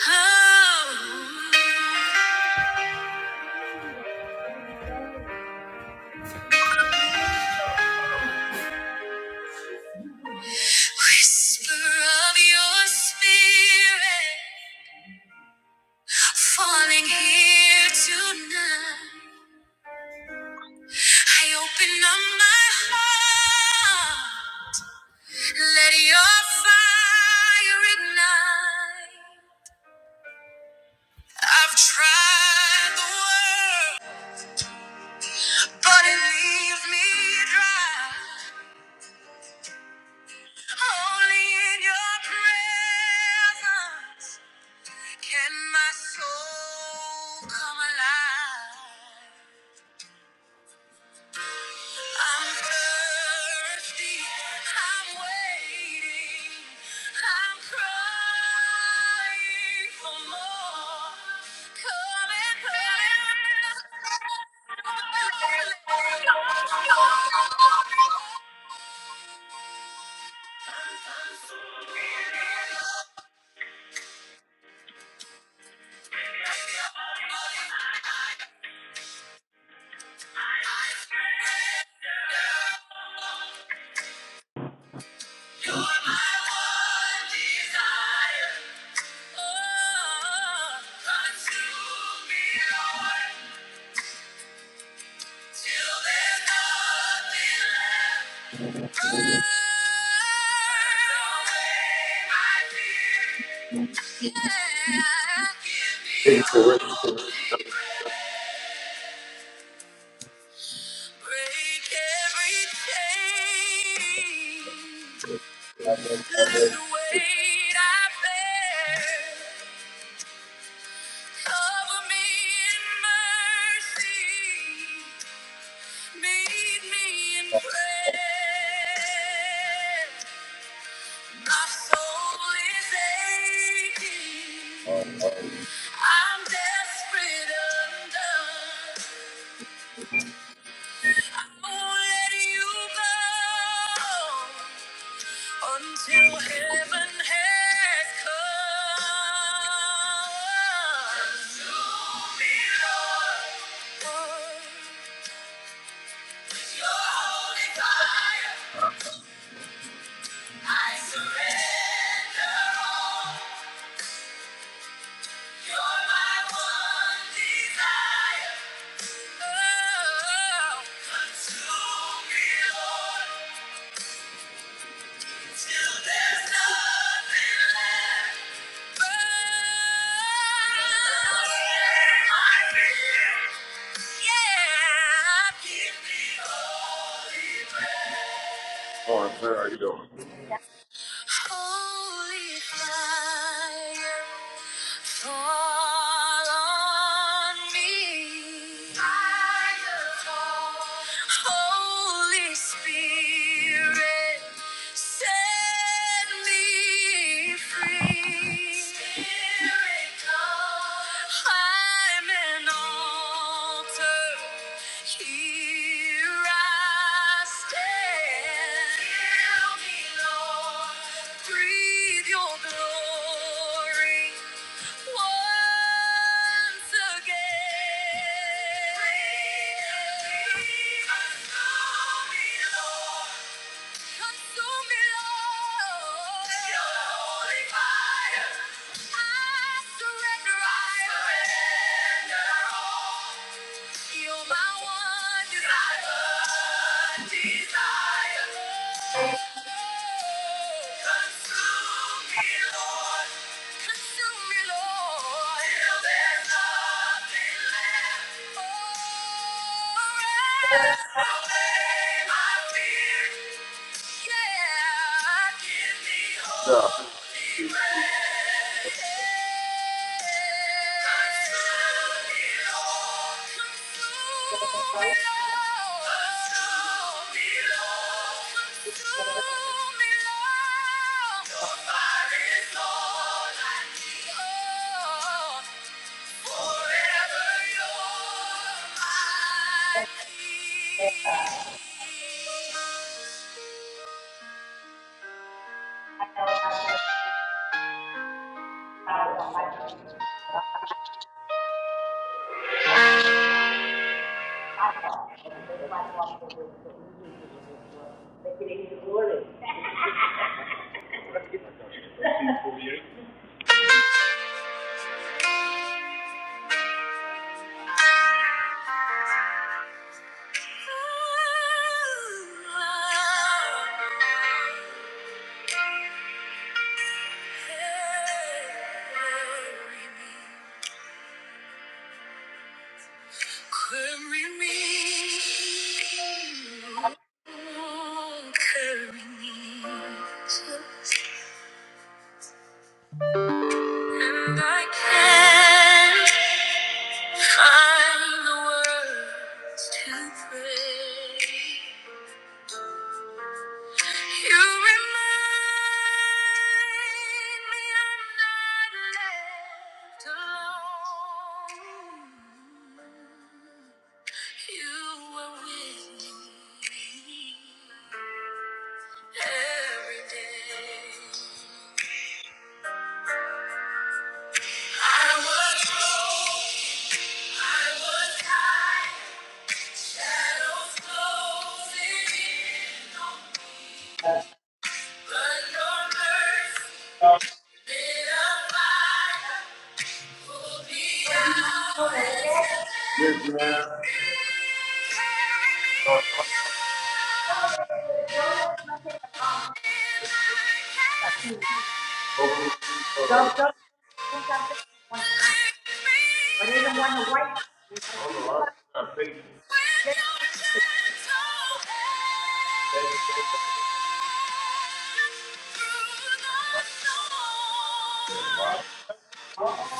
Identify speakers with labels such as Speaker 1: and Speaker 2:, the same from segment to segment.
Speaker 1: Oh, whisper of your spirit falling here tonight. I open up my heart. Let your fire ignite. I've tried the world, but it leaves me dry. Only in your presence. Can my soul come alive? I'm thirsty. I'm waiting. I'm crying for more. Come and fill the Lord. You're my one desire. Oh, consume me, Lord, till there's nothing left. Burn away my fear. Yeah. Give me
Speaker 2: Hey, Richard.
Speaker 1: hope. Break every chain.
Speaker 2: Morning,
Speaker 1: The weight I bear, cover me in mercy, meet me in prayer. My soul is aching, I'm desperate undone. Won't let you go. Until heaven has come. To me, Lord. Lord, Your holy fire. I surrender all. You're my one desire. Oh. Consume me, Lord, till there's nothing left. Yeah.
Speaker 2: sir. How you doing?
Speaker 1: Holy fire, fall on me. Fire, fall. Holy Spirit, set me free. Spirit, come. I'm an altar. Here I stand. Heal me. Lord. Breathe your glory once again. Consume me, Lord. Consume me, Lord. Your holy fire. I surrender. I surrender all. You're my one desire. Desire. Consume me, Lord. Consume me, Lord. Till there's nothing left. Oh, rest. Just obey my fear. Nobody,
Speaker 2: Yeah.
Speaker 1: Lord, like you. Forever you're my peace. Carry me, carry me, and I can't. Find the words to pray. You remind me I'm not left alone. You were with me every day. I was low, I was high, shadows closing in on me. Through the storm.
Speaker 2: Yes, man.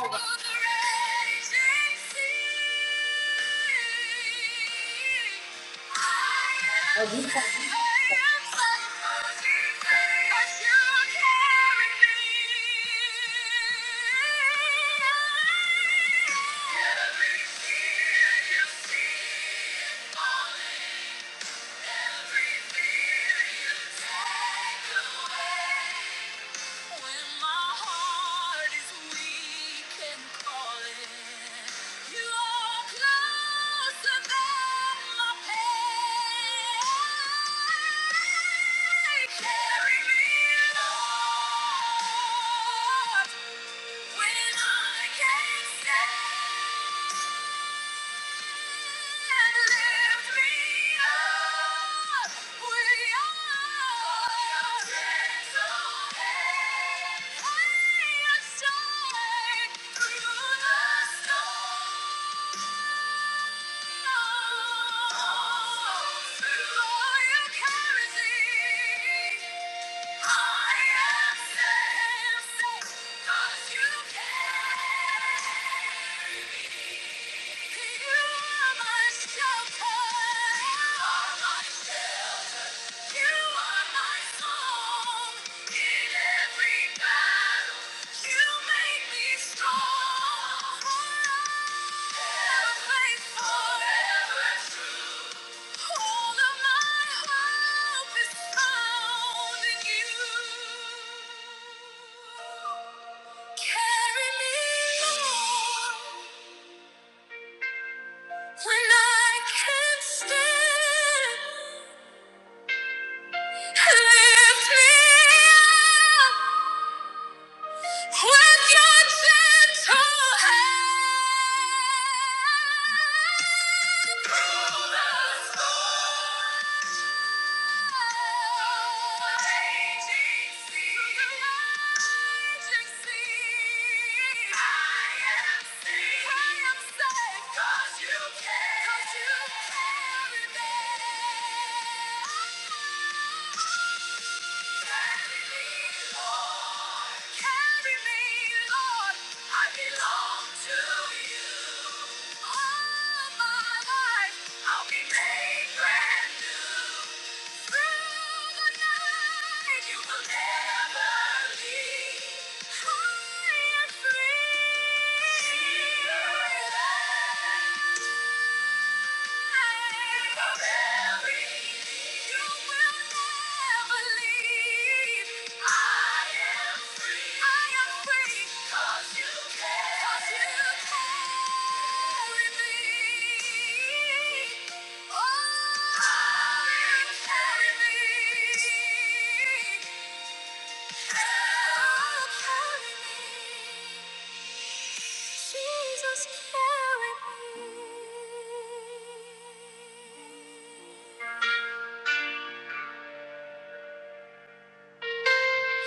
Speaker 1: Thank you. When I can't stand You are my shelter. You are my shelter. Carry me along. When I can't stand, lift me up. With your gentle hand, through the raging sea, raging sea, I am safe. I am safe 'cause you carry, 'cause you carry me. I am free. Thank you. Jesus, carry me.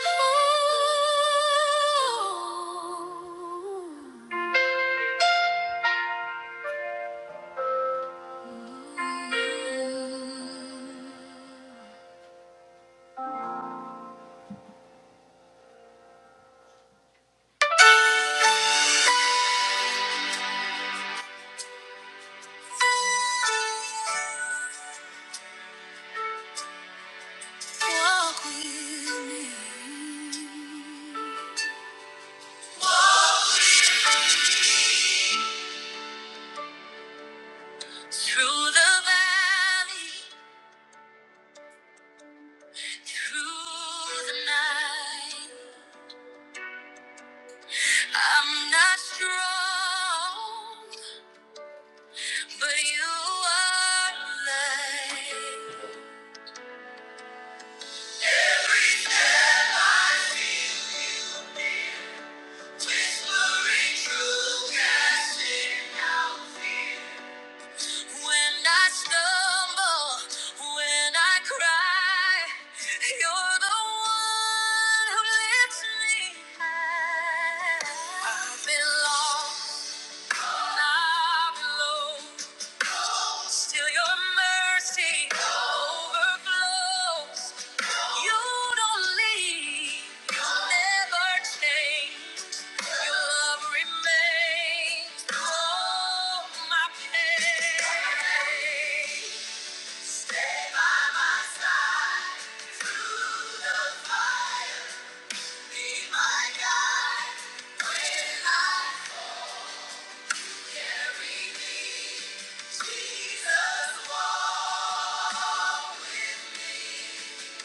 Speaker 1: Oh. Walk with me through the valley, through the night. I'm not strong, But you are light. Whispering true casting. When I stumble, when I cry, you're the one who lifts me high. I've been lost, I've low. Still your mercy overflows. You don't leave, you never change. Your love remains all my pain. Be my guide when I carry thee. Jesus, walk with me.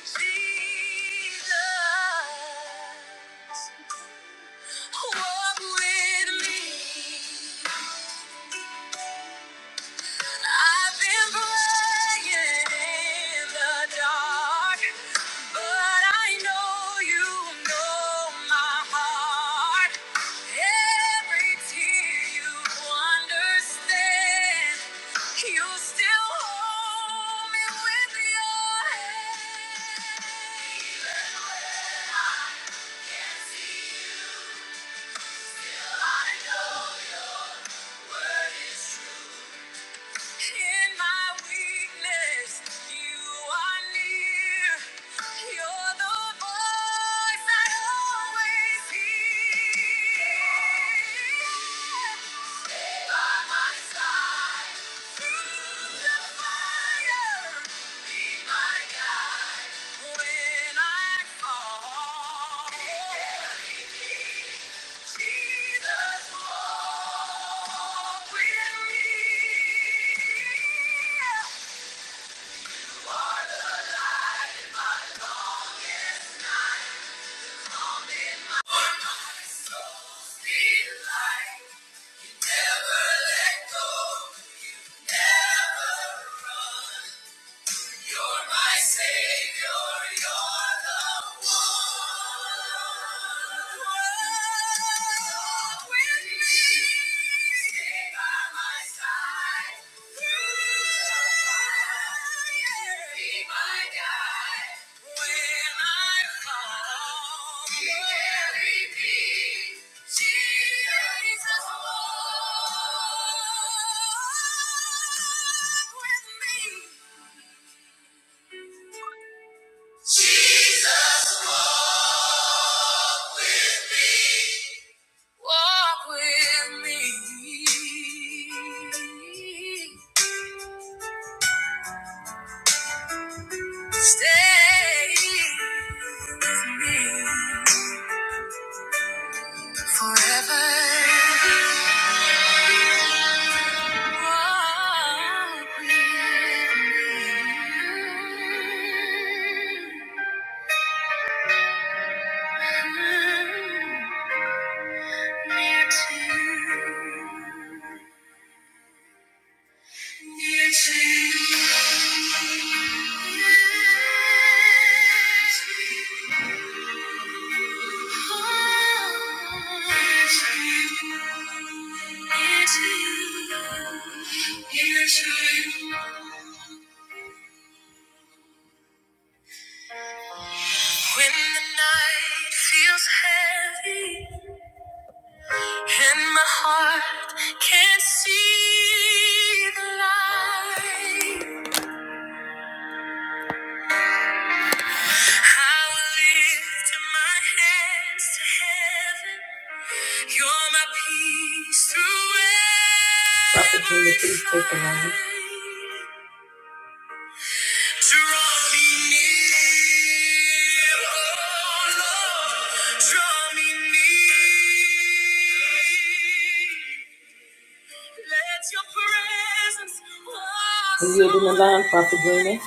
Speaker 1: Jesus, walk with me. I've been praying in the dark, but I know you know my heart. Every tear you understand, you still hold me with your hand. That word is In my weakness, you are near. You're the voice I always hear. By my side, through the fire, be my guide when I fall. Never let go, never run. You're my savior, you're the one. Walk with me, stay by my side. Through the fire, be my guide. When I'm calm, you carry me. Jesus, walk with me. Jesus, walk with me. Stay with me forever. Walk with me. Near Jesus. When the night feels heavy and my heart can't see the light, I will lift my hands to heaven. You're my peace through every fight. Draw me oh Are you in the line, Pastor Brenda?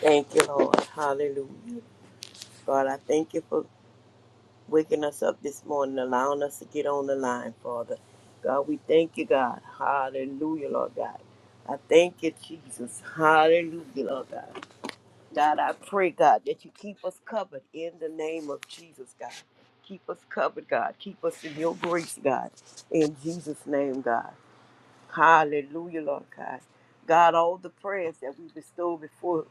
Speaker 3: Thank you, Lord. Hallelujah. God, I thank you for waking us up this morning, allowing us to get on the line, Father. God, we thank you, God. Hallelujah, Lord God. I thank you, Jesus. Hallelujah, Lord God. God, I pray, God, that you keep us covered in the name of Jesus, God. Keep us covered, God. Keep us in your grace, God. In Jesus' name, God. Hallelujah, Lord God. God, all the prayers that we bestow before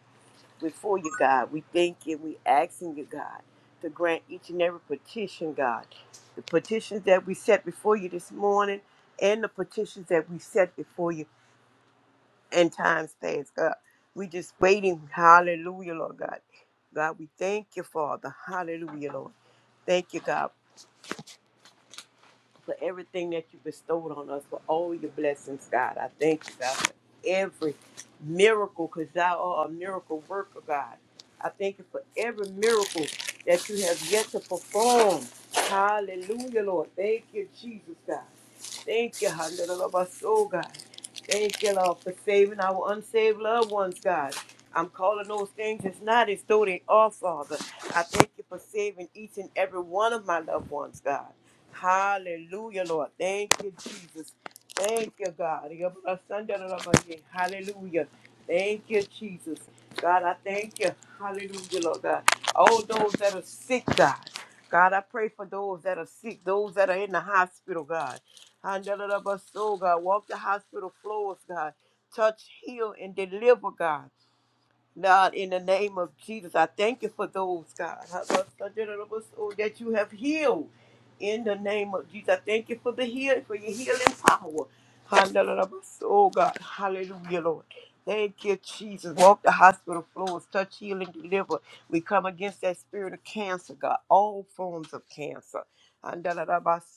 Speaker 3: before you, God. We thank you. We asking you, God, to grant each and every petition, God. The petitions that we set before you this morning and the petitions that we set before you in times past, God. We just waiting. Hallelujah, Lord God. God, we thank you, Father. Hallelujah, Lord. Thank you, God for everything that you bestowed on us, for all your blessings, God. I thank you, God, for every miracle, because thou art a miracle worker, God. I thank you for every miracle that you have yet to perform. Hallelujah, Lord. Thank you, Jesus, God. Thank you, Hallelujah, God. Thank you, Lord, for saving our unsaved loved ones, God. I'm calling those things as not as though they are, Father. I thank you for saving each and every one of my loved ones, God. Hallelujah, Lord. Thank you, Jesus. Thank you, God. Hallelujah. Thank you, Jesus. God, I thank you. Hallelujah, Lord God. All those that are sick, God. God, I pray for those that are sick, those that are in the hospital, God. Handle it up us, soul, God. Walk the hospital floors, God. Touch, heal, and deliver, God. Lord, in the name of Jesus, I thank you for those, God, that you have healed. In the name of Jesus, I thank you for the healing, for your healing power. Oh, God, hallelujah, Lord. Thank you, Jesus. Walk the hospital floors, touch, heal, and deliver. We come against that spirit of cancer, God, all forms of cancer.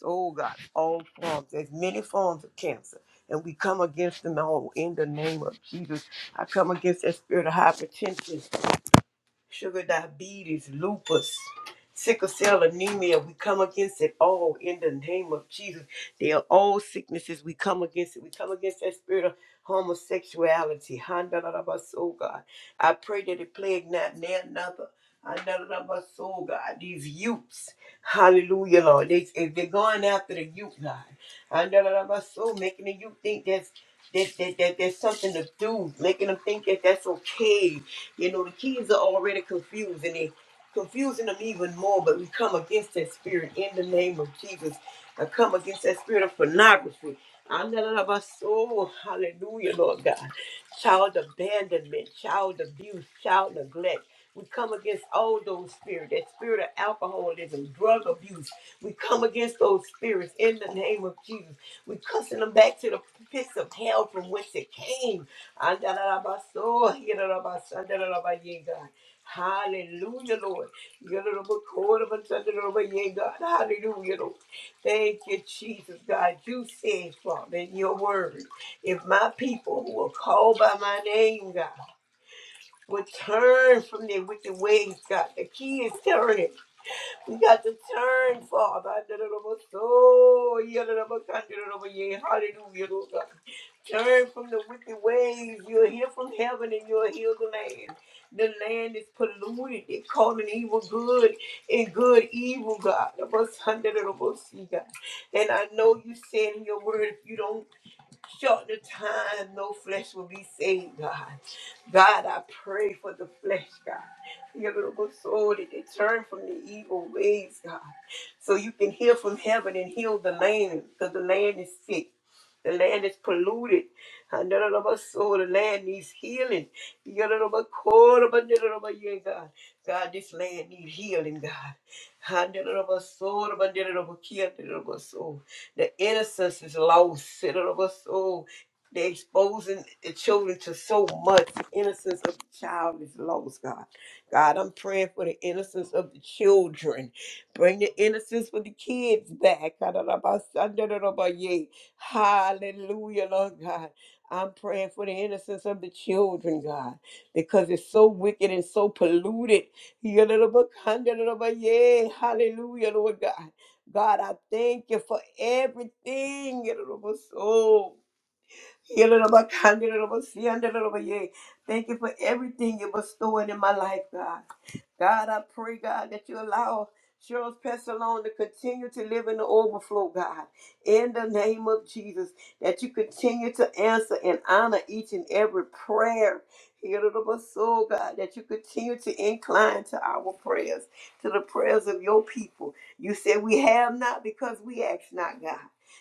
Speaker 3: Oh, God, all forms. There's many forms of cancer. And we come against them all in the name of Jesus. I come against that spirit of hypertension sugar diabetes, lupus, sickle cell anemia. We come against it all in the name of Jesus. They are all sicknesses. We come against it. We come against that spirit of homosexuality. Handalabaso, God. I pray that it plague not near another. Handalabaso, God. These youths. Hallelujah, Lord. They, if they're going after the youth, God. Handalabaso, making the youth think that's that, that, that there's something to do, making them think that that's okay. You know, the kids are already confused and they're confusing them even more, but we come against that spirit in the name of Jesus. I come against that spirit of pornography. Andalaba soul, Hallelujah, Lord God. Child abandonment, child abuse, child neglect. We come against all those spirits, that spirit of alcoholism, drug abuse. We come against those spirits in the name of Jesus. We cussing them back to the pits of hell from whence it came Andarabaso, Yerabaso, Andarabaye, God. Hallelujah, Lord. Yerabakorabasandarabaya, God. Hallelujah, Lord. Thank you, Jesus, God. You said, Father, in your word, if my people who are called by my name, God, would turn from their wicked ways, God. The key is turning. We got to turn, Father. Andarabaso, Yerabakandarabaya. Hallelujah, Lord. Turn from the wicked ways. You'll hear from heaven and you'll heal the land. The land is polluted. They're calling evil good and good evil, God. Of us, hundred of us, see, God. And I know you said in your word, if you don't short the time no flesh will be saved, God. God, I pray for the flesh, God. Your little soul that they turn from the evil ways, God. So you can hear from heaven and heal the land, because the land is sick. The land is polluted. And none of us soul, the land needs healing. Your little bit cold, but none of us, yeah, God. God, this land needs healing, God. And none of us soul, but none of us, yeah, none of us soul. The innocence is lost. Shit out of us all. They're exposing the children to so much. The innocence of the child is lost, God. God, I'm praying for the innocence of the children. Bring the innocence for the kids back. Hallelujah, Lord God. I'm praying for the innocence of the children, God, because it's so wicked and so polluted. Hallelujah, Lord God. God, I thank you for everything. Yelelabakandalabasiandalabaye. Thank you for everything you're bestowing in my life, God. God, I pray, God, that you allow Cheryl's Pestalone to continue to live in the overflow, God. In the name of Jesus, that you continue to answer and honor each and every prayer. Hear it of us, soul, God, that you continue to incline to our prayers, to the prayers of your people. You said we have not because we ask not, God.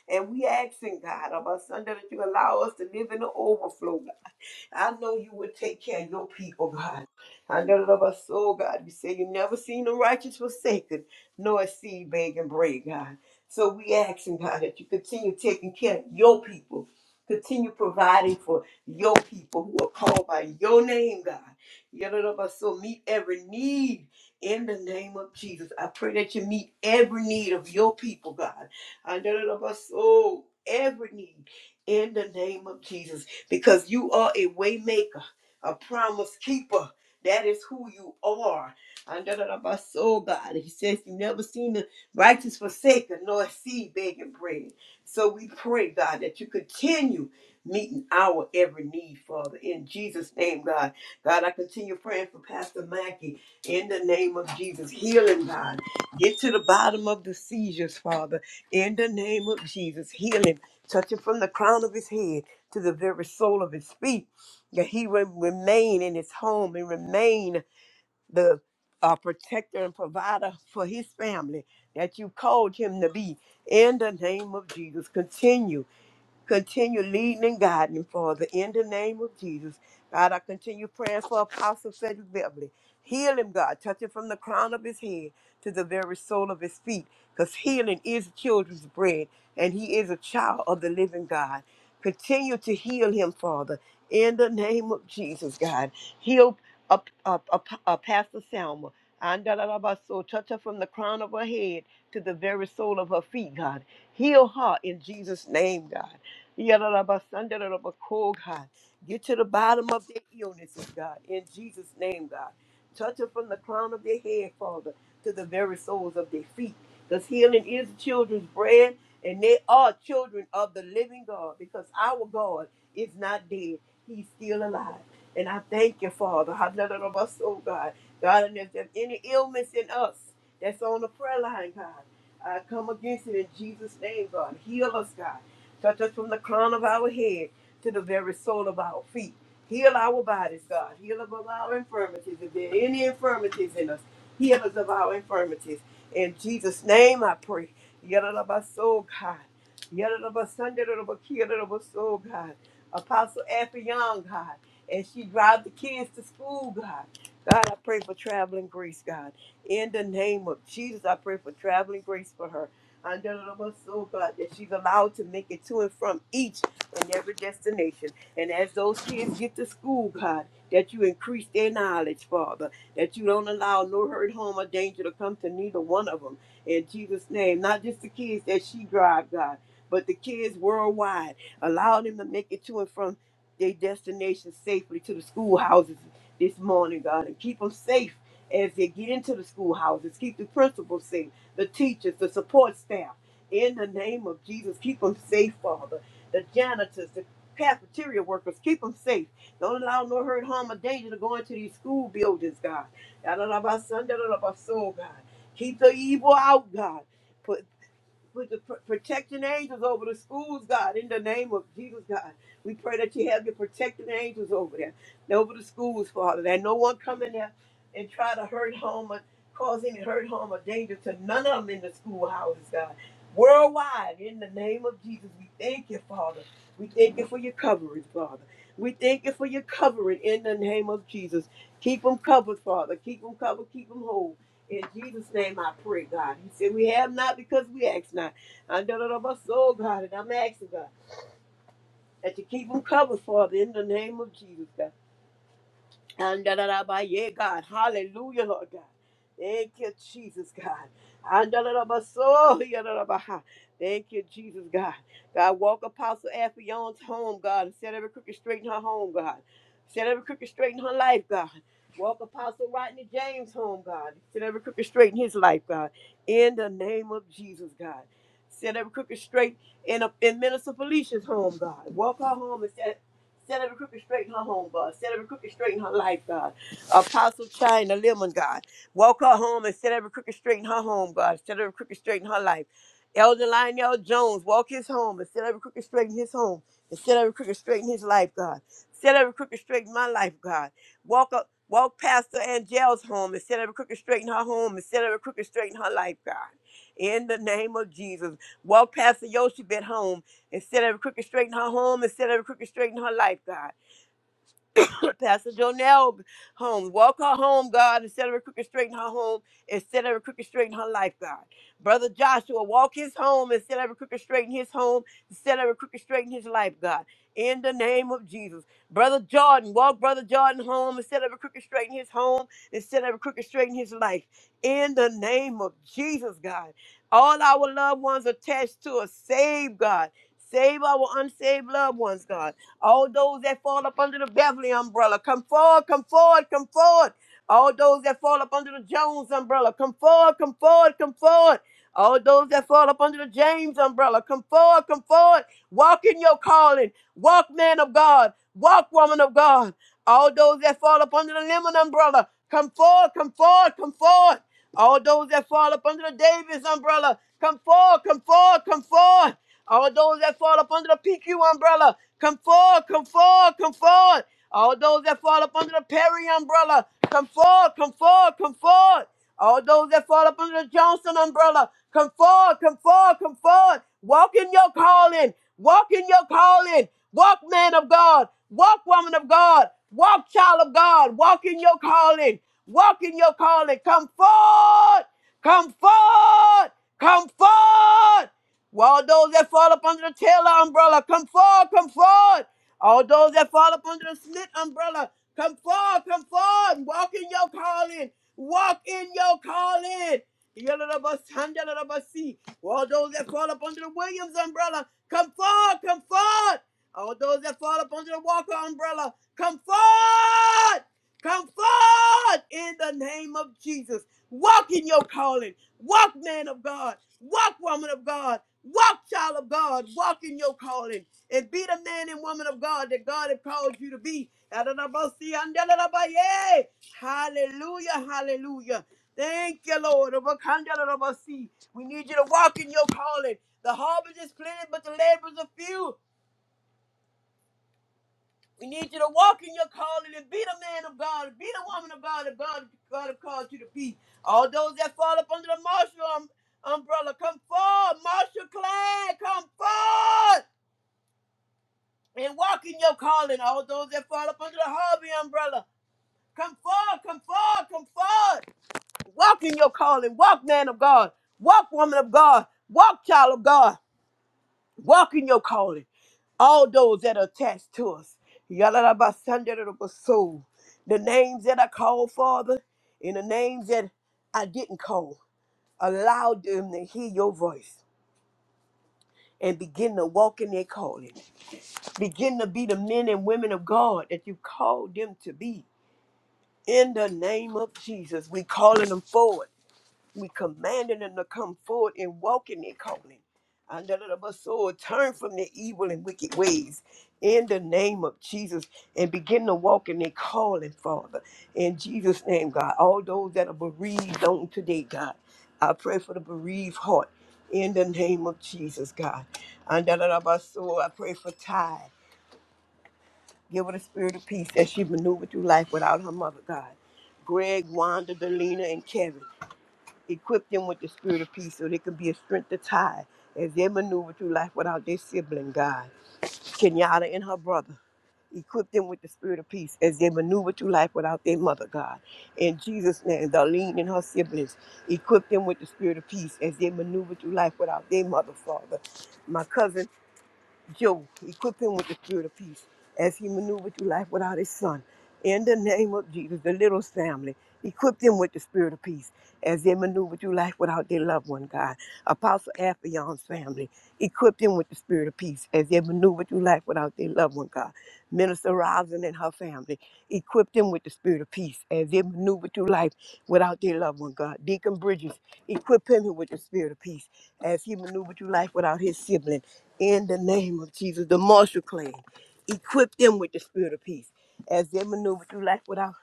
Speaker 3: And we asking God, of us, Sunday, that you allow us to live in the overflow. I know you would take care of your people, God. I know of us, oh God. You say you never seen the righteous forsaken, nor a seed begging bread, God. So we asking, God, that you continue taking care of your people. Continue providing for your people who are called by your name, God. Yadadaba, So meet every need in the name of Jesus. I pray that you meet every need of your people, God. Yadadaba, So every need in the name of Jesus because you are a waymaker, a promise keeper. That is who you are. And da, da, da, my soul, God. He says you never seen the righteous forsaken nor see begging bread. So we pray, God, that you continue meeting our every need, Father. In Jesus' name, God. God, I continue praying for Pastor Mackey in the name of Jesus. Healing, God. Get to the bottom of the seizures, Father. In the name of Jesus. Healing. Touch him from the crown of his head to the very sole of his feet, that he would remain in his home and remain the uh, protector and provider for his family that you called him to be. In the name of Jesus, continue, continue leading and guiding, Father, in the name of Jesus. God, I continue praying for Apostle Cedric Beverly. Heal him, God. Touch him from the crown of his head to the very sole of his feet, because healing is children's bread, and he is a child of the living God. Continue to heal him, Father, in the name of Jesus, God. Heal up, up, up, up Pastor Selma. Andalabaso, Touch her from the crown of her head to the very sole of her feet, God. Heal her in Jesus' name, God. Yadalabasandalabako, God. Get to the bottom of their illnesses, God. In Jesus' name, God. Touch them from the crown of their head, Father, to the very soles of their feet. Because healing is the children's bread, and they are children of the living God, because our God is not dead. He's still alive. And I thank you, Father. I Hallelujah, of us, oh God. God, and if there's any illness in us that's on the prayer line, God, I come against it in Jesus' name, God. Heal us, God. Touch us from the crown of our head to the very sole of our feet. Heal our bodies, God. Heal us of our infirmities. If there are any infirmities in us, heal us of our infirmities. In Jesus' name I pray. Yadadabaso, God. Yadadabasandadadabakiadadabaso, God. Apostle Afy Young, God. And she drives the kids to school, God. God, I pray for traveling grace, God. In the name of Jesus, I pray for traveling grace for her. Andadadabaso, God, that she's allowed to make it to and from each and every destination. And as those kids get to school, God, that you increase their knowledge, Father, that you don't allow no hurt, harm, or danger to come to neither one of them. In Jesus' name, not just the kids that she drive, God, but the kids worldwide. Allow them to make it to and from their destination safely to the schoolhouses this morning, God, and keep them safe as they get into the schoolhouses. Keep the principals safe, the teachers, the support staff. In the name of Jesus, keep them safe, Father the janitors, the cafeteria workers. Keep them safe. Don't allow no hurt, harm, or danger to go into these school buildings, God. Da-da-da-ba-sun, da-da-da-ba-so, God. Keep the evil out, God with the pr- protecting angels over the schools, God, in the name of Jesus, God. We pray that you have your protecting angels over there, and over the schools, Father, that no one come in there and try to hurt harm or cause any hurt, harm, or danger to none of them in the schoolhouses, God. Worldwide, in the name of Jesus, we thank you, Father. We thank you for your covering, Father. We thank you for your covering in the name of Jesus. Keep them covered, Father. Keep them covered. Keep them whole. In Jesus' name I pray, God. He said, We have not because we ask not. I know that I'm soul, God, and I'm asking, God, that you keep them covered, Father, in the name of Jesus, God. And da da da ba yeah, God. Hallelujah, Lord God. Thank you, Jesus, God. And da da da ba so yeah, da da ba ha. Thank you, Jesus, God. God, walk Apostle Aphion's home, God, and set every crooked straight in her home, God. Set every crooked straight in her life, God. Walk Apostle Rodney James home, God. Set every crooked straight in his life, God. In the name of Jesus, God. Set every crooked straight in, a, in Minister Felicia's home, God. Walk her home and set Set every crooked straight in her home, God. Set every crooked straight in her life, God. Apostle China Lemon, God. Walk her home and set every crooked straight in her home, God. Set every crooked straight in her life. Elder Lionel Jones, walk his home and set every crooked straight in his home. And set every crooked straight in his life, God. Set every crooked straight in my life, God. Walk up, walk Pastor Angel's home and set every crooked straight in her home and set every crooked straight in her life, God. In the name of Jesus. Walk Pastor Yoshibet home Instead of crooked straight in her home, instead of crooked straight in her life, God. Pastor Jonelle home. Walk her home, God, instead of her crooked straight in her home, instead of her crooked straight in her life, God. Brother Joshua, walk his home instead of her crooked straight in his home, instead of her crooked straight in his life, God. In the name of Jesus. Brother Jordan, walk Brother Jordan home instead of a crooked straight in his home, instead of a crooked straight in his life. In the name of Jesus, God. All our loved ones attached to us, save God. Save our unsaved loved ones, God. All those that fall up under the Beverly umbrella, come forward, come forward, come forward. All those that fall up under the Jones umbrella, come forward, come forward, come forward. All those that fall up under the James umbrella, come forward, come forward. Walk in your calling. Walk, man of God. Walk, woman of God. All those that fall up under the lemon umbrella, come forward, come forward, come forward. All those that fall up under the Davis umbrella, come forward, come forward, come forward. All those that fall up under the PQ umbrella, come forward, come forward, come forward. All those that fall up under the Perry umbrella, come forward, come forward, come forward. All those that fall up under the Johnson umbrella, come forward, come forward, come forward. Walk in your calling. Walk in your calling. Walk, man of God. Walk, woman of God. Walk, child of God. Walk in your calling. Walk in your calling. Come forward. Come forward. Come forward. All those that fall up under the Taylor umbrella, come forward, come forward. All those that fall up under the Smith umbrella, come forward, come forward. Walk in your calling. Walk in your calling. Yalalabasandalalabasi. All those that fall up under the Williams umbrella, come forward, come forward. All those that fall up under the Walker umbrella, come forward. Come forth in the name of Jesus. Walk in your calling. Walk, man of God. Walk, woman of God. Walk, child of God. Walk in your calling. And be the man and woman of God that God has called you to be. Adonabasi, Hallelujah. Hallelujah. Thank you, Lord. Obakandalarabasi. We need you to walk in your calling. The harvest is plenty, but the laborers are few. We need you to walk in your calling and be the man of God, be the woman of God, that God, God has called you to be. All those that fall up under the martial um, umbrella, come forward. Martial clan, come forward and walk in your calling. All those that fall up under the Harvey umbrella, come forward, come forward, come forward. Walk in your calling. Walk, man of God. Walk, woman of God. Walk, child of God. Walk in your calling. All those that are attached to us. Yalalabasandarabaso. The names that I called, Father, and the names that I didn't call. Allow them to hear your voice and begin to walk in their calling. Begin to be the men and women of God that you called them to be. In the name of Jesus, we calling them forward. We commanding them to come forward and walk in their calling. Under the soul, turn from their evil and wicked ways in the name of Jesus and begin to walk in their calling, Father. In Jesus' name, God. All those that are bereaved on today, God. I pray for the bereaved heart in the name of Jesus, God. Under the soul, I pray for Ty. Give her the spirit of peace that she maneuvered through life without her mother, God. Greg, Wanda, Delina, and Kevin. Equip them with the spirit of peace so they can be a strength to tie as they maneuver through life without their sibling, God. Kenyatta and her brother. Equip them with the spirit of peace as they maneuver through life without their mother, God. In Jesus' name, Darlene and her siblings, equip them with the spirit of peace as they maneuver through life without their mother, Father. My cousin Joe, equip him with the spirit of peace as he maneuvered through life without his son. In the name of Jesus, the little family, equip them with the spirit of peace as they maneuver through life without their loved one, God. Apostle Afion's family, equip them with the spirit of peace as they maneuver through life without their loved one, God. Minister Robin and her family. Equip them with the spirit of peace as they maneuver through life without their loved one, God. Deacon Bridges, equip him with the spirit of peace as he maneuvered through life without his sibling. In the name of Jesus, the Marshall clan, equip them with the spirit of peace as they maneuver through life without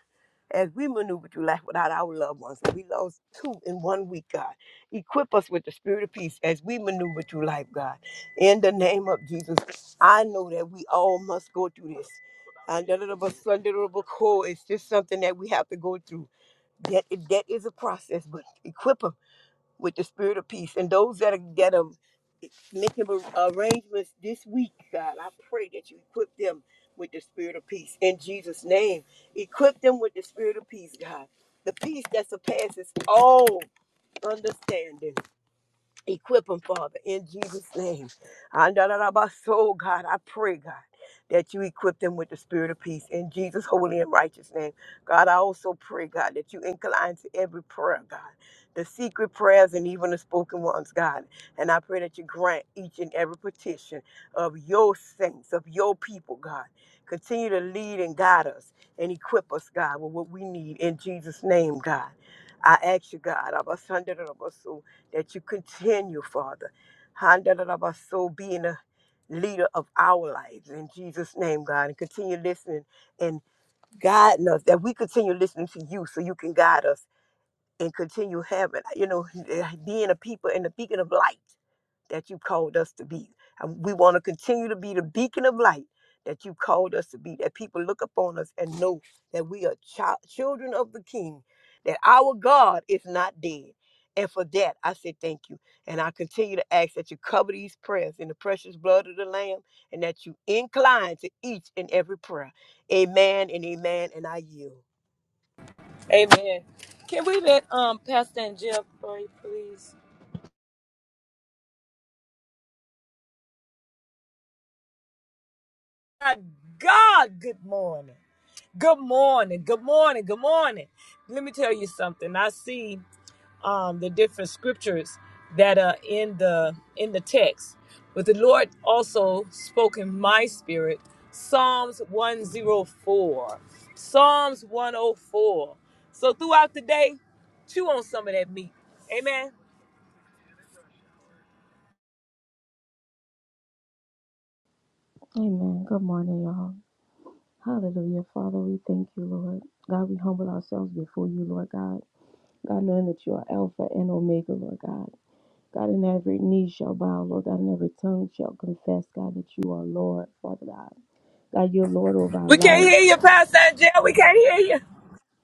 Speaker 3: as we maneuver through life without our loved ones. We lost two in one week, God. Equip us with the spirit of peace as we maneuver through life, God. In the name of Jesus, I know that we all must go through this. And that little bit- Sunday little bit cold, it's just something that we have to go through. That that is a process, but equip them with the spirit of peace. And those that are that are making ar- arrangements this week, God, I pray that you equip them with the spirit of peace in Jesus' name. Equip them with the spirit of peace, God. The peace that surpasses all understanding. Equip them, Father, in Jesus' name. And da- da- da- ba- so, God, I pray, God, that you equip them with the spirit of peace in Jesus' holy and righteous name. God, I also pray, God, that you incline to every prayer, God, the secret prayers and even the spoken ones, God. And I pray that you grant each and every petition of your saints, of your people, God. Continue to lead and guide us and equip us, God, with what we need in Jesus' name, God. I ask you, God, Abba, Sunday, that you continue, Father, so being a leader of our lives in Jesus' name, God, and continue listening and guiding us, that we continue listening to you so you can guide us and continue having, you know, being a people and the beacon of light that you called us to be. And we want to continue to be the beacon of light that you called us to be, that people look upon us and know that we are child, children of the King, that our God is not dead. And for that, I say thank you. And I continue to ask that you cover these prayers in the precious blood of the Lamb and that you incline to each and every prayer. Amen and amen. And I yield.
Speaker 1: Amen. Can we let um Pastor and Jeff pray, please? My God, good morning. Good morning. Good morning. Good morning. Let me tell you something. I see. um, the different scriptures that are in the in the text. But the Lord also spoke in my spirit Psalms 104, Psalms 104. So throughout the day, chew on some of that meat. Amen.
Speaker 4: Amen. Good morning, y'all. Hallelujah. Father, we thank you, Lord. God, we humble ourselves before you, Lord God. God, knowing that you are Alpha and Omega, Lord God. God, in every knee shall bow, Lord God, and every tongue shall confess, God, that you are Lord, Father God. God, you're Lord over our
Speaker 1: We can't
Speaker 4: lives.
Speaker 1: hear you, Pastor Angel. We can't hear you.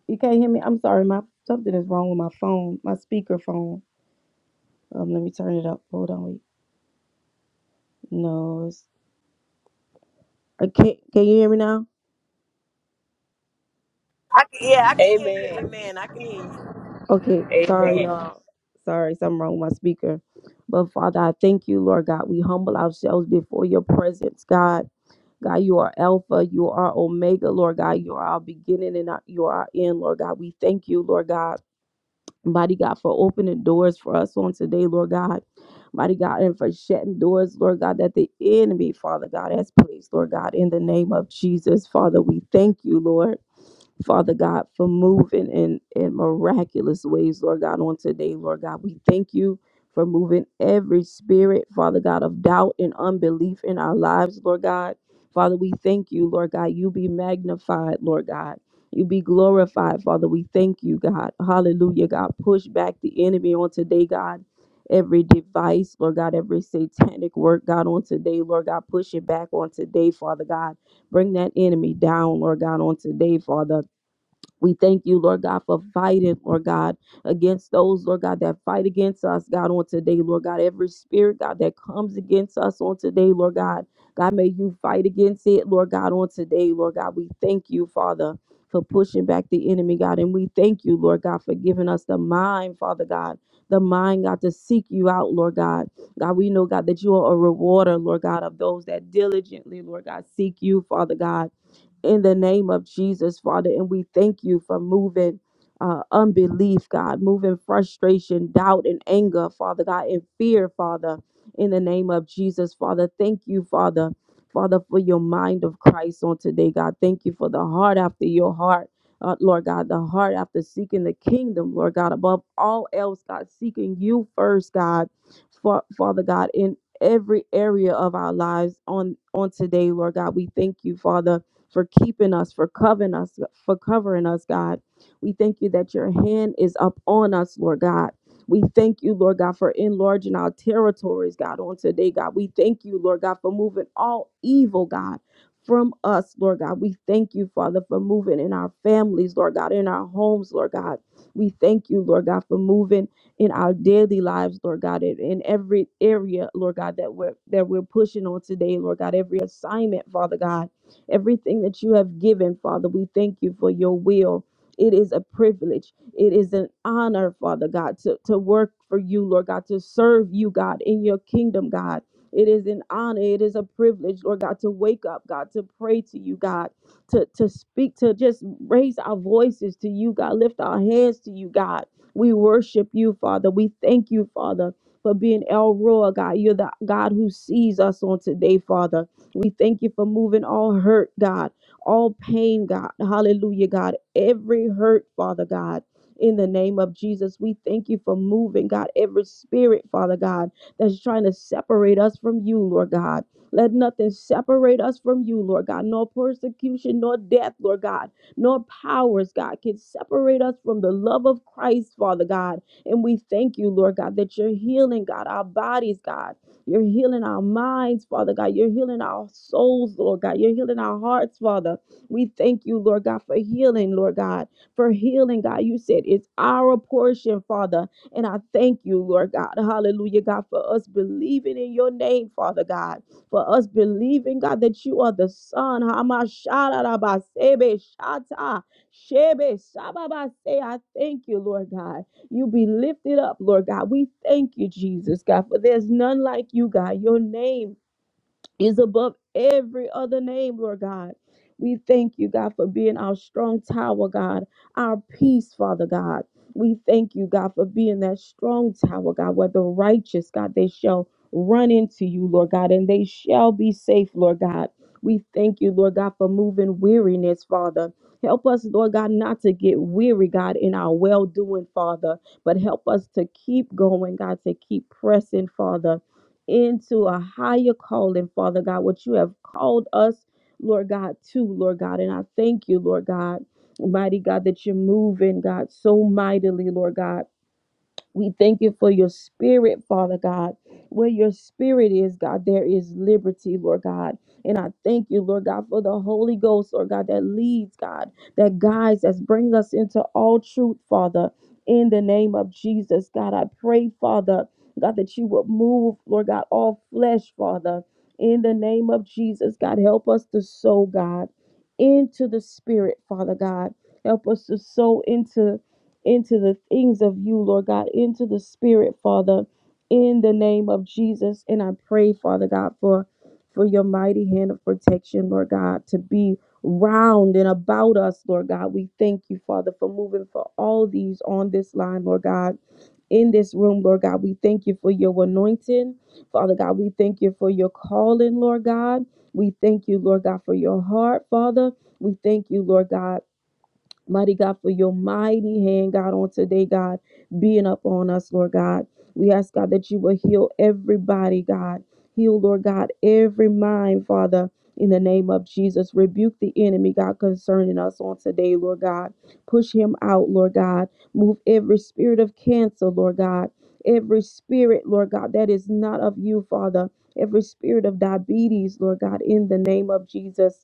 Speaker 4: You can't hear me? I'm sorry. My something is wrong with my phone, my speaker phone. Um, let me turn it up. Hold on. Wait. No, it's. Uh, can, can you hear me now?
Speaker 3: I, can- yeah, I can hear you.
Speaker 1: Amen.
Speaker 3: Amen. I can hear you.
Speaker 4: Okay, sorry,
Speaker 1: Amen.
Speaker 4: y'all. Sorry, something wrong with my speaker. But Father, I thank you, Lord God. We humble ourselves before your presence, God. God, you are Alpha, you are Omega, Lord God. You are our beginning and our, you are our end, Lord God. We thank you, Lord God. Mighty God, for opening doors for us on today, Lord God. Mighty God, and for shutting doors, Lord God, that the enemy, Father God, has placed, Lord God, in the name of Jesus. Father, we thank you, Lord. Father God, for moving in, in miraculous ways, Lord God, on today, Lord God. We thank you for moving every spirit, Father God, of doubt and unbelief in our lives, Lord God. Father, we thank you, Lord God. You be magnified, Lord God. You be glorified, Father. We thank you, God. Hallelujah, God. Push back the enemy on today, God. Every device, Lord God, every satanic work, God, on today, Lord God, push it back on today, Father God. Bring that enemy down, Lord God, on today, Father. We thank you, Lord God, for fighting, Lord God, against those, Lord God, that fight against us, God, on today, Lord God. Every spirit, God, that comes against us on today, Lord God. God, may you fight against it, Lord God, on today, Lord God. We thank you, Father, for pushing back the enemy, God. And we thank you, Lord God, for giving us the mind, Father God, the mind, God, to seek you out, Lord God. God, we know, God, that you are a rewarder, Lord God, of those that diligently, Lord God, seek you, Father God in the name of Jesus, Father. And we thank you for moving uh, unbelief, God, moving frustration, doubt, and anger, Father God, and fear, Father, in the name of Jesus, Father. Thank you, Father, Father, for your mind of Christ on today, God. Thank you for the heart after your heart. Uh, Lord God, the heart after seeking the kingdom, Lord God, above all else, God, seeking you first, God, Fa- Father God, in every area of our lives on on today, Lord God, we thank you, Father, for keeping us, for covering us, for covering us, God. We thank you that your hand is up on us, Lord God. We thank you, Lord God, for enlarging our territories, God, on today, God. We thank you, Lord God, for moving all evil, God, from us, Lord God. We thank you, Father, for moving in our families, Lord God, in our homes, Lord God. We thank you, Lord God, for moving in our daily lives, Lord God, in in every area, Lord God, that we're that we're pushing on today, Lord God, every assignment, Father God. Everything that you have given, Father, we thank you for your will. It is a privilege. It is an honor, Father God, to, to work for you, Lord God, to serve you, God, in your kingdom, God. It is an honor. It is a privilege, Lord God, to wake up, God, to pray to you, God, to, to speak, to just raise our voices to you, God, lift our hands to you, God. We worship you, Father. We thank you, Father, for being El Roa, God. You're the God who sees us on today, Father. We thank you for moving all hurt, God, all pain, God. Hallelujah, God. Every hurt, Father God. In the name of Jesus, we thank you for moving, God, every spirit, Father God, that's trying to separate us from you, Lord God. Let nothing separate us from you, Lord God. Nor persecution, nor death, Lord God, nor powers, God, can separate us from the love of Christ, Father God. And we thank you, Lord God, that you're healing, God, our bodies, God. You're healing our minds, Father God. You're healing our souls, Lord God. You're healing our hearts, Father. We thank you, Lord God, for healing, Lord God, for healing, God. You said it's our portion, Father. And I thank you, Lord God. Hallelujah, God, for us believing in your name, Father God. For us believing, God, that you are the Son. Hamashadabasebe shata. Shebe sababase. I thank you, Lord God. You be lifted up, Lord God. We thank you, Jesus, God, for there's none like you, God. Your name is above every other name, Lord God. We thank you, God, for being our strong tower, God, our peace, Father God. We thank you, God, for being that strong tower, God, where the righteous, God, they shall run into you, Lord God, and they shall be safe, Lord God. We thank you, Lord God, for moving weariness, Father. Help us, Lord God, not to get weary, God, in our well doing, Father, but help us to keep going, God, to keep pressing, Father into a higher calling, Father God, what you have called us, Lord God, to, Lord God. And I thank you, Lord God, mighty God, that you're moving, God, so mightily, Lord God. We thank you for your spirit, Father God. Where your spirit is, God, there is liberty, Lord God. And I thank you, Lord God, for the Holy Ghost, Lord God, that leads, God, that guides us, brings us into all truth, Father. In the name of Jesus, God, I pray, Father, God, that you would move, Lord God, all flesh, Father. In the name of Jesus, God, help us to sow, God, into the Spirit, Father God. Help us to sow into into the things of you, Lord God, into the spirit, Father, in the name of Jesus. And I pray, Father God, for for your mighty hand of protection, Lord God, to be round and about us, Lord God. We thank you, Father, for moving for all these on this line, Lord God. In this room, Lord God, we thank you for your anointing. Father God, we thank you for your calling, Lord God. We thank you, Lord God, for your heart, Father. We thank you, Lord God Mighty God, for your mighty hand, God, on today, God, being up on us, Lord God. We ask, God, that you will heal everybody, God. Heal, Lord God, every mind, Father, in the name of Jesus. Rebuke the enemy, God, concerning us on today, Lord God. Push him out, Lord God. Move every spirit of cancer, Lord God. Every spirit, Lord God, that is not of you, Father. Every spirit of diabetes, Lord God, in the name of Jesus.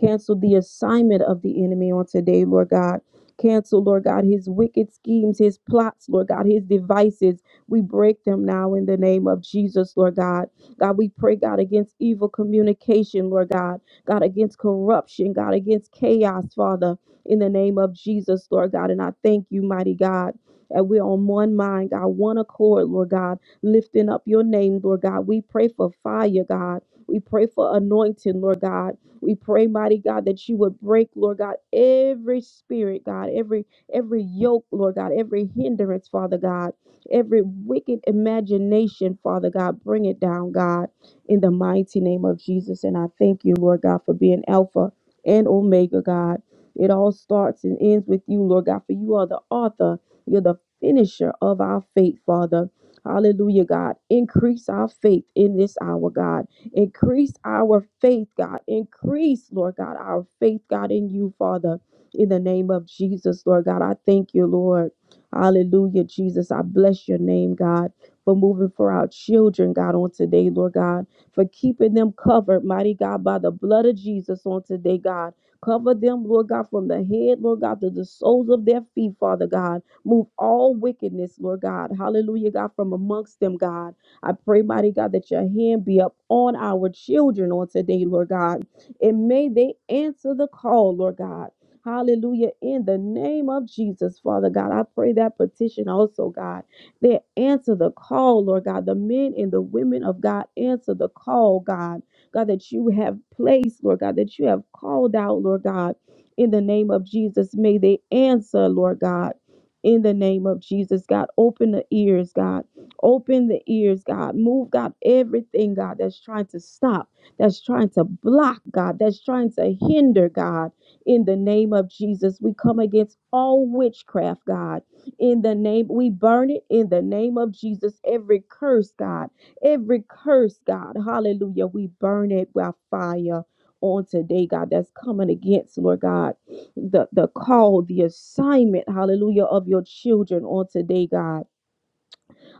Speaker 4: Cancel the assignment of the enemy on today, Lord God. Cancel, Lord God, his wicked schemes, his plots, Lord God, his devices. We break them now in the name of Jesus, Lord God. God, we pray, God, against evil communication, Lord God. God, against corruption, God, against chaos, Father, in the name of Jesus, Lord God. And I thank you, mighty God. that we're on one mind, God, one accord, Lord God, lifting up your name, Lord God. We pray for fire, God. We pray for anointing, Lord God. We pray, mighty God, that you would break, Lord God, every spirit, God, every every yoke, Lord God, every hindrance, Father God, every wicked imagination, Father God, bring it down, God, in the mighty name of Jesus. And I thank you, Lord God, for being Alpha and Omega, God. It all starts and ends with you, Lord God, for you are the author, you're the finisher of our faith, Father. Hallelujah, God. Increase our faith in this hour, God. Increase our faith, God. Increase, Lord God, our faith, God, in you, Father, in the name of Jesus, Lord God. I thank you, Lord. Hallelujah, Jesus. I bless your name, God, for moving for our children, God, on today, Lord God, for keeping them covered, mighty God, by the blood of Jesus on today, God. Cover them, Lord God, from the head, Lord God, to the soles of their feet, Father God. Move all wickedness, Lord God. Hallelujah, God, from amongst them, God. I pray, mighty God, that your hand be up on our children on today, Lord God. And may they answer the call, Lord God. Hallelujah. In the name of Jesus, Father God, I pray that petition also, God. They answer the call, Lord God. The men and the women of God answer the call, God. God, that you have placed, Lord God, that you have called out, Lord God. In the name of Jesus, may they answer, Lord God. In the name of Jesus, God, open the ears, God. Open the ears, God. Move, God, everything, God, that's trying to stop, that's trying to block, God, that's trying to hinder, God. In the name of Jesus, we come against all witchcraft, God. In the name, we burn it in the name of Jesus. Every curse, God, every curse, God, hallelujah, we burn it by fire on today, God, that's coming against, Lord God, the, the call, the assignment, hallelujah, of your children on today, God.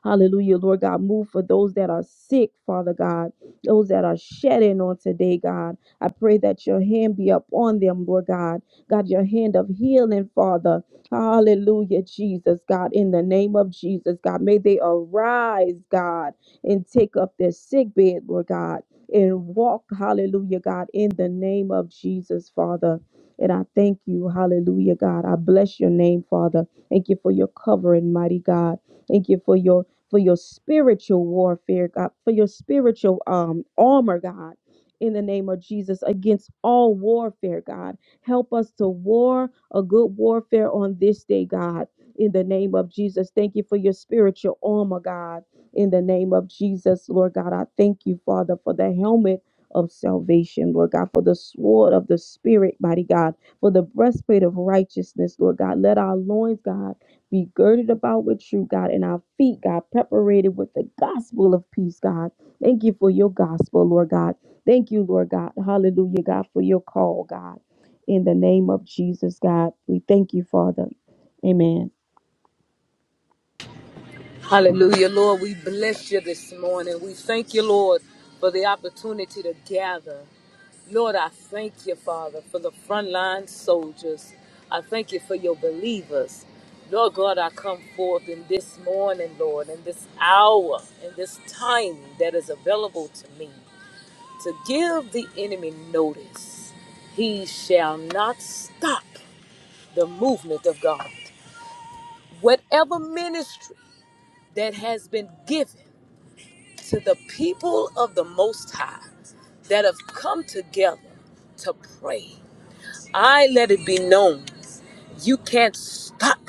Speaker 4: Hallelujah, Lord God. Move for those that are sick, Father God, those that are shedding on today, God. I pray that your hand be upon them, Lord God. God, your hand of healing, Father. Hallelujah, Jesus, God. In the name of Jesus, God, may they arise, God, and take up their sick bed, Lord God, and walk, hallelujah, God, in the name of Jesus, Father. And I thank you, hallelujah, God. I bless your name, Father. Thank you for your covering, mighty God. Thank you for your for your spiritual warfare, God, for your spiritual um armor, God. In the name of Jesus, against all warfare, God. Help us to war a good warfare on this day, God. In the name of Jesus, thank you for your spiritual armor, God. In the name of Jesus, Lord God, I thank you, Father, for the helmet of salvation, Lord God, for the sword of the Spirit, mighty God, for the breastplate of righteousness, Lord God. Let our loins, God, be girded about with truth, God, and our feet, God, preparated with the gospel of peace, God. Thank you for your gospel, Lord God. Thank you, Lord God. Hallelujah, God, for your call, God. In the name of Jesus, God, we thank you, Father. Amen.
Speaker 1: Hallelujah, Lord. We bless you this morning. We thank you, Lord, for the opportunity to gather. Lord, I thank you, Father, for the frontline soldiers. I thank you for your believers. Lord God, I come forth in this morning, Lord, in this hour, in this time that is available to me to give the enemy notice. He shall not stop the movement of God. Whatever ministry that has been given to the people of the Most High that have come together to pray I let it be known. You can't stop.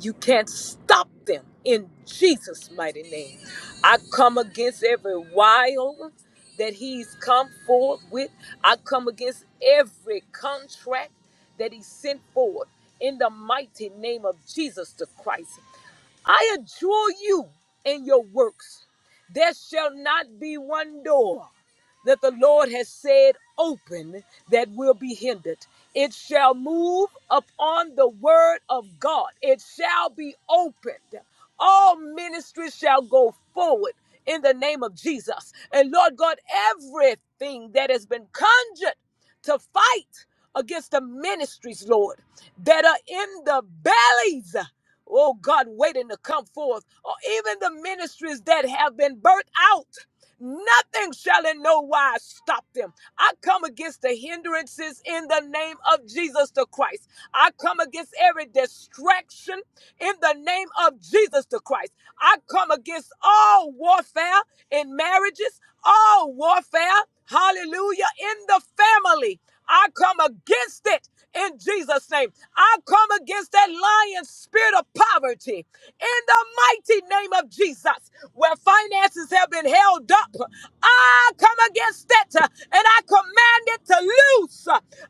Speaker 1: You can't stop them in Jesus' mighty name. I come against every wild that he's come forth with. I come against every contract that he sent forth in the mighty name of Jesus the Christ. I adjure you in your works. There shall not be one door that the Lord has said open that will be hindered. It shall move upon the word of God, it shall be opened. All ministries shall go forward in the name of Jesus. And Lord God, everything that has been conjured to fight against the ministries, Lord, that are in the bellies oh God, waiting to come forth, or even the ministries that have been burnt out. Nothing shall in no wise stop them. I come against the hindrances in the name of Jesus the Christ. I come against every distraction in the name of Jesus the Christ. I come against all warfare in marriages, all warfare, hallelujah, in the family. I come against it in Jesus' name. I come against that lion spirit of poverty in the mighty name of Jesus, where finances have been held up. I come against it uh, and I command it to loose.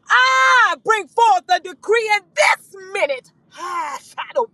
Speaker 1: I bring forth a decree in this minute. Ah, shadow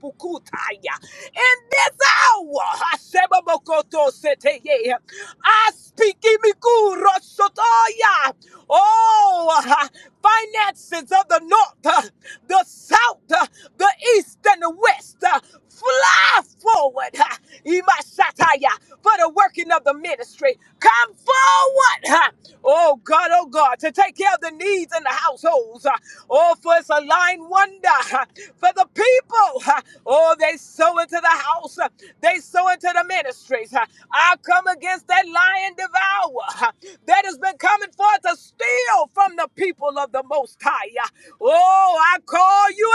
Speaker 1: In this hour, Hashemokoto seteye. I speak imikuro shotoya. Oh, ah, finances of the north, ah, the south, ah, the east, and the west. Fly forward. ha, Imashataya, For the working of the ministry. Come forward. ha. Oh God, oh God, to take care of the needs in the households. ha. Oh, for it's a line wonder ha, for the people. ha. Oh, they sow into the house. ha, They sow into the ministries. ha. I come against that lion devourer ha, that has been coming forth to steal from the people of the Most High. ha. Oh, I call you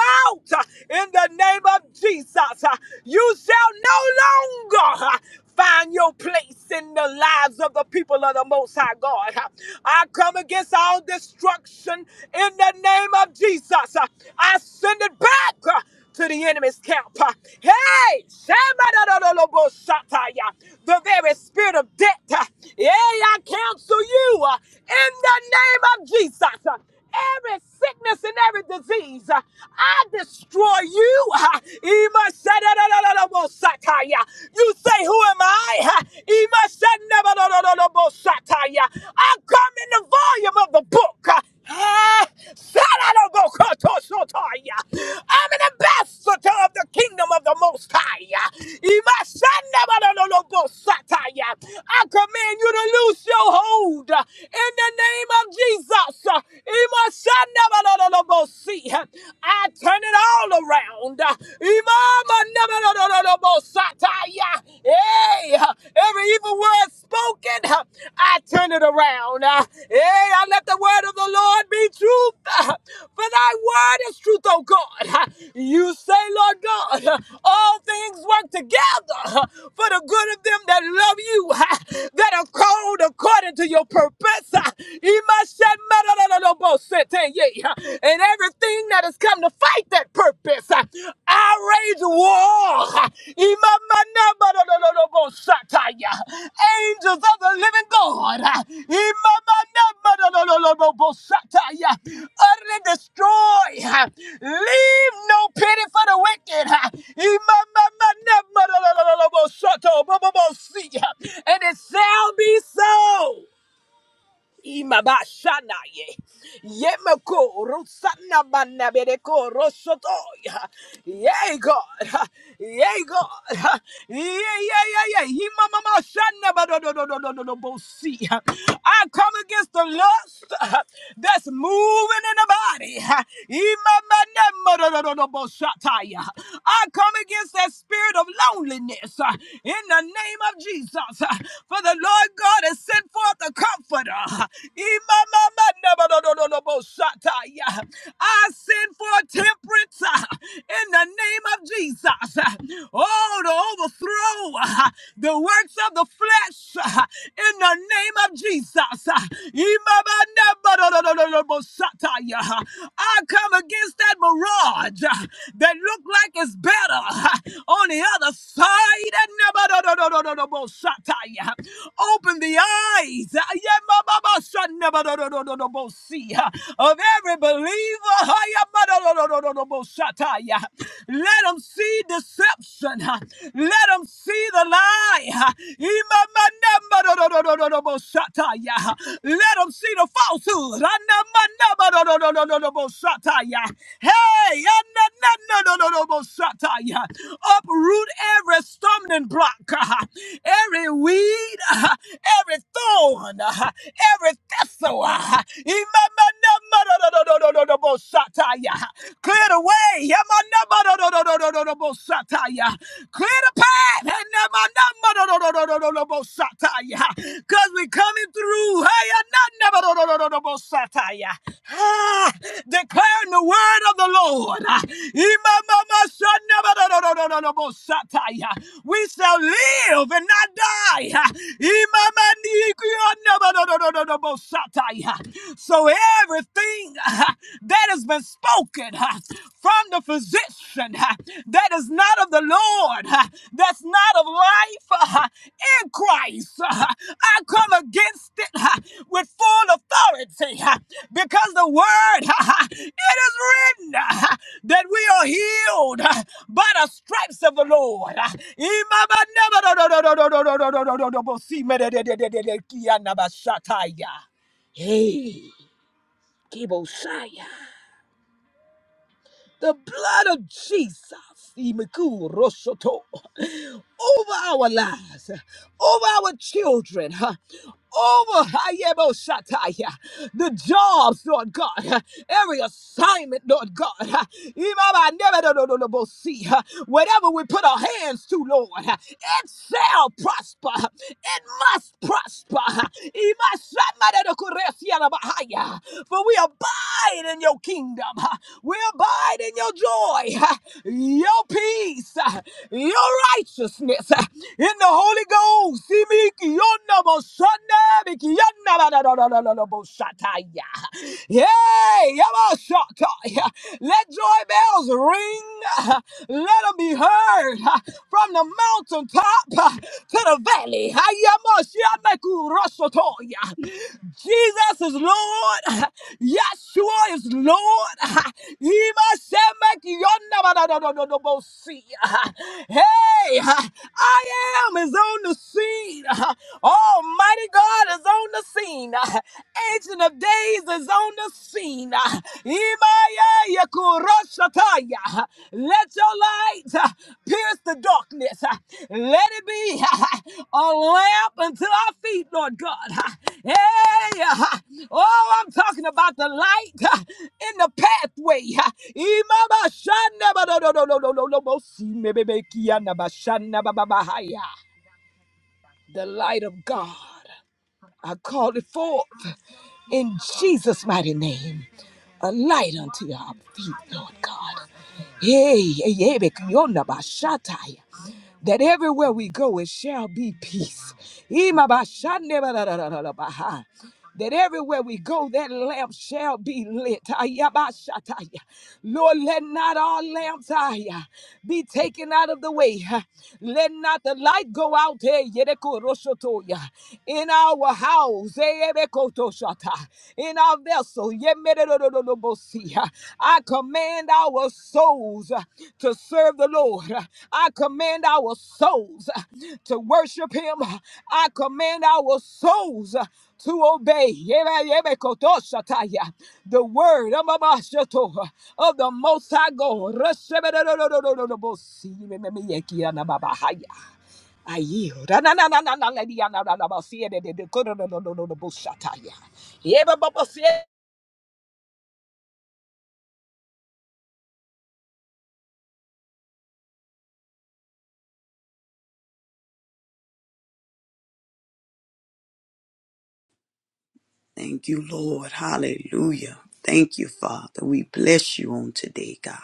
Speaker 1: out in the name of Jesus. uh, You shall no longer uh, find your place in the lives of the people of the Most High God. uh. I come against all destruction in the name of Jesus. uh. I send it back. uh, To the enemy's camp. uh. Hey, Shamadadadadabosataya, the very spirit of death. uh, Yeah, I counsel you uh, in the name of Jesus. Uh, Every sickness and every disease, uh, I destroy you. uh, You say, Who am I? uh, I come in the volume of the book. uh, eh, I'm an ambassador of the kingdom of the Most High. I command you to loose your hold uh, in the name of Jesus. Jesus. uh, Imashanabadadadabosi, uh, I turn it all around. uh, Imamanabadadadadabosataya. Hey, uh, every evil word spoken, uh, I turn it around. uh, Hey, I let the word of the Lord be truth, for thy word is truth, O God. You say, Lord God, all things work together for the good of them that love you, that are called according to your purpose. And everything that has come to fight that purpose, I rage war. God. Imamanabadadadadabosataya. Angels of the living God. Imamanabadadadadabosataya. Utterly destroy. Leave no pity for the wicked. Imamanabadadadadabosatobobobosea. And it shall be so. Imabashanaye. Yemeko Rusana Banabedeko Rosotoya. Yay God. Yay God. Yay yay yay yay. Himama Shana Badodododododobosi. I come against the lust that's moving in the body. Imamanamadodododoboshata. I come against that spirit of loneliness uh, in the name of Jesus. uh, For the Lord God has sent forth a comforter. Imamamandabadododobosataya. I send for a temperance uh, in the name of Jesus. uh, Oh, to overthrow uh, the works of the flesh uh, in the name of Jesus. uh, Imamandabadodododobosataya. I come against that mirage uh, that look like it's better uh, on the other side. Nabadodododobosataya. Open the eyes. Yabasanabadodododobosi, uh, Of every believer. Let them see deception. uh, Let them see the lie. uh, Let them see the falsehood. Hey, uproot every stumbling block, every weed, every thorn, every Thesawa. Clear the way. Clear the path. Cause we we're coming through. Ah, Declaring the word of the Lord. We shall live and not die. So everything ah, that has been spoken ah, from the physician ah, that is not of the Lord, ah, that's not of life ah, in Christ, ah, I come against it ah, with full authority ah, because the word, ah, it is written ah, that we are healed ah, by the stripes of the Lord. Ah, Hey, Kibosaya, the blood of Jesus, Imiku Rosoto, over our lives, over our children, huh, over Hayebosataya, the jobs, Lord God, huh, every assignment, Lord God, huh, Imaba Nebedo do do do do bo si, huh, whatever we put our hands to, Lord, huh, it shall prosper, huh, it must prosper. huh, Imasanadokoresiarabahaya. For we abide in your kingdom. We abide in your joy, your peace, your righteousness. In the Holy Ghost, Simikiyonabosanabikiyonabadadadadadabosataya. Yay! Yabashata. Let joy bells ring. Let 'em be heard heard ah, from the mountaintop ah, to the valley. Ayamashiamekurosotoya. Jesus is Lord. Yeshua is Lord. Imashemekiyonamadadadadabosi. Hey, I am is on the scene. Almighty God is on the scene. Ancient of Days is on the scene. uh, Imaya kuroshataya. Let your light uh, pierce the darkness. uh, Let it be a lamp unto our feet, Lord God. Hey, uh, oh, I'm talking about the light uh, in the pathway. Imama shana ba do do do do do do do bo si me be be ki ya na ba shana ba ba ba ha ya. The light of God. I call it forth in Jesus' mighty name a light unto our feet, Lord God. Yea, yea, be- yonder by Shatai. That everywhere we go, it shall be peace. Ima ba shande ba That everywhere we go, that lamp shall be lit. Aya Lord, let not our lamps aya, be taken out of the way. Let not the light go out eh, yedeko in our houses bowels, in our vessel, I command our souls uh, to serve the Lord. I command our souls uh, to worship Him. I command our souls uh, to obey the word of the Most High God.
Speaker 5: Thank you, Lord. Hallelujah. Thank you, Father. We bless you on today, God.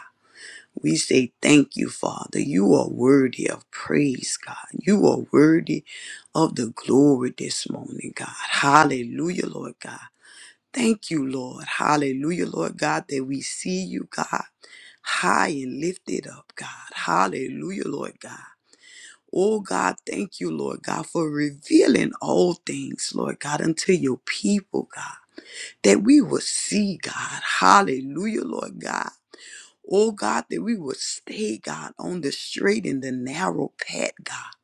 Speaker 5: We say thank you, Father. You are worthy of praise, God. You are worthy of the glory this morning, God. Hallelujah, Lord God. Thank you, Lord. Hallelujah, Lord God, that we see you, God, high and lifted up, God. Hallelujah, Lord God. Oh God, thank you, Lord God, for revealing all things, Lord God, unto your people, God that we will see God. Hallelujah, Lord God. Oh God, that we will stay, God, on the straight and the narrow path, God.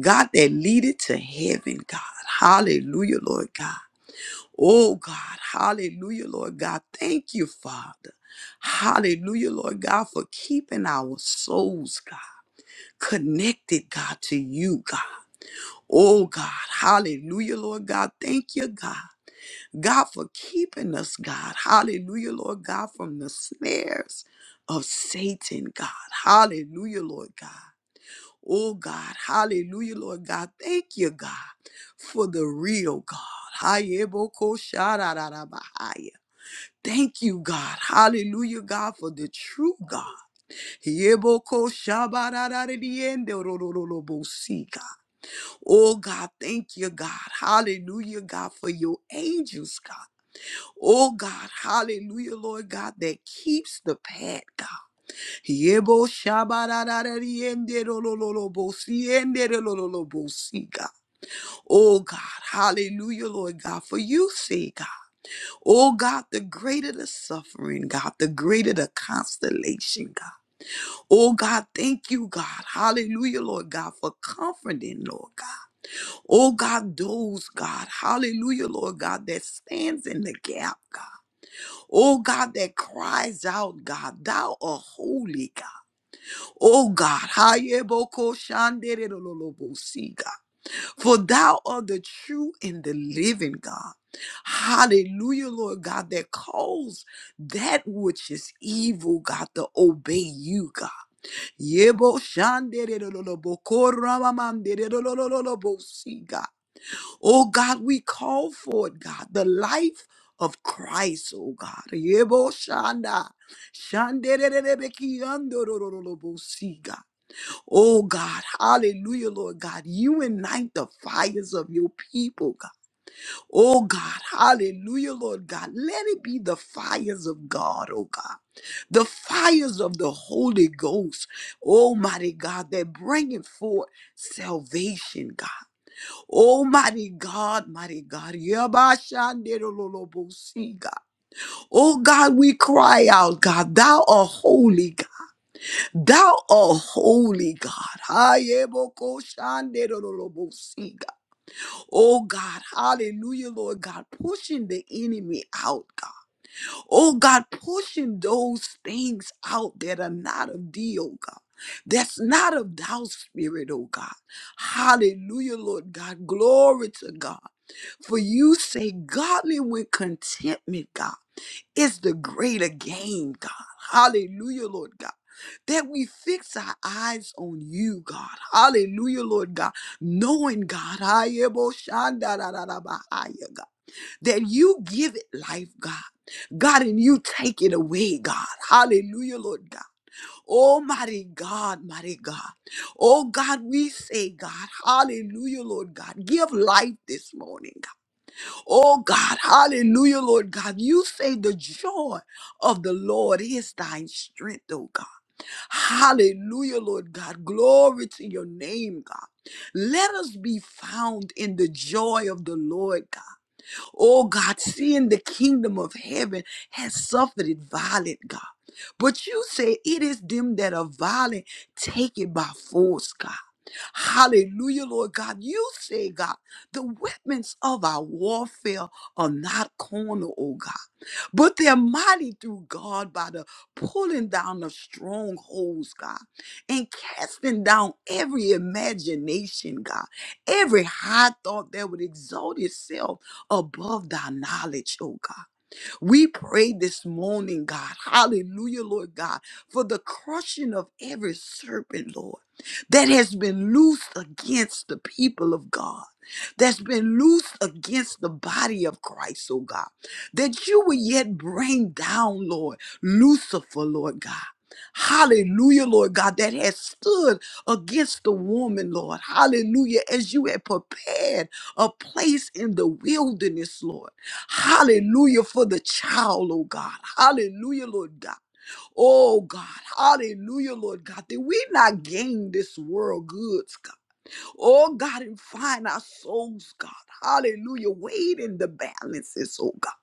Speaker 5: God that leadeth to heaven, God. Hallelujah, Lord God. Oh God, hallelujah, Lord God. Thank you, Father. Hallelujah, Lord God, for keeping our souls, God, connected, God, to you, God. Oh God, hallelujah, Lord God. Thank you, God. God, for keeping us, God. Hallelujah, Lord God, from the snares of Satan, God. Hallelujah, Lord God. Oh, God. Hallelujah, Lord God. Thank you, God, for the real God. Hayeboko-sharararabahaya. Thank you, God. Hallelujah, God, for the true God. Yeboko-shabarararadiendorororobosi, God. Oh, God, thank you, God. Hallelujah, God, for your angels, God. Oh God, hallelujah, Lord God, that keeps the path, God. Yebo shabararararienderolololobosi, enderolololobosi, God. Oh God, hallelujah, Lord God, for you say, God, oh God, the greater the suffering, God, the greater the constellation, God. Oh God, thank you, God, hallelujah, Lord God, for comforting, Lord God. Oh God, those, God, hallelujah, Lord God, that stands in the gap, God. Oh God, that cries out, God, thou art holy, God. Oh God, Hayeboko shandererololobosi, God, for thou art the true and the living God. Hallelujah, Lord God, that calls that which is evil, God, to obey you, God. Yebo shandererololoboko God. Oh God, we call for it, God, the life of Christ, oh God. Yebo shanda, shandererebeki andorororobosi, God. Oh God, hallelujah, Lord God. You ignite the fires of your people, God. Oh God, hallelujah, Lord God. Let it be the fires of God, oh God. The fires of the Holy Ghost, Almighty God, that bringing forth salvation, God. Oh, mighty God, mighty God. Yabashanderololobosi, God. Oh, God, we cry out, God. Thou art holy, God. Thou art holy, God. Hayebokoshanderololobosi, God. Oh, God. Hallelujah, Lord God. Pushing the enemy out, God. Oh God, pushing those things out that are not of thee, oh God. That's not of thou spirit, oh God. Hallelujah, Lord God. Glory to God. For you say, godly with contentment, God, is the greater gain, God. Hallelujah, Lord God. That we fix our eyes on you, God. Hallelujah, Lord God. Knowing God. Hallelujah, that you give it life, God. God, and you take it away, God. Hallelujah, Lord God. Almighty God, mighty God. Oh God, we say, God, hallelujah, Lord God. Give life this morning, God. Oh God, hallelujah, Lord God. You say the joy of the Lord is thine strength, oh God. Hallelujah, Lord God. Glory to your name, God. Let us be found in the joy of the Lord, God. Oh God, seeing the kingdom of heaven has suffered it violent, God. But you say it is them that are violent, take it by force, God. Hallelujah, Lord God. You say, God, the weapons of our warfare are not carnal, oh God, but they're mighty through God by the pulling down of strongholds, God, and casting down every imagination, God, every high thought that would exalt itself above thy knowledge, oh God. We pray this morning, God. Hallelujah, Lord God, for the crushing of every serpent, Lord, that has been loosed against the people of God. That's been loosed against the body of Christ, oh God, that you will yet bring down, Lord, Lucifer, Lord God. Hallelujah, Lord God, that has stood against the woman, Lord. Hallelujah, as you had prepared a place in the wilderness, Lord. Hallelujah for the child, oh God. Hallelujah, Lord God. Oh God, hallelujah, Lord God, that we not gain this world goods, God. Oh God, and find our souls, God. Hallelujah. Weighed in the balances, oh God.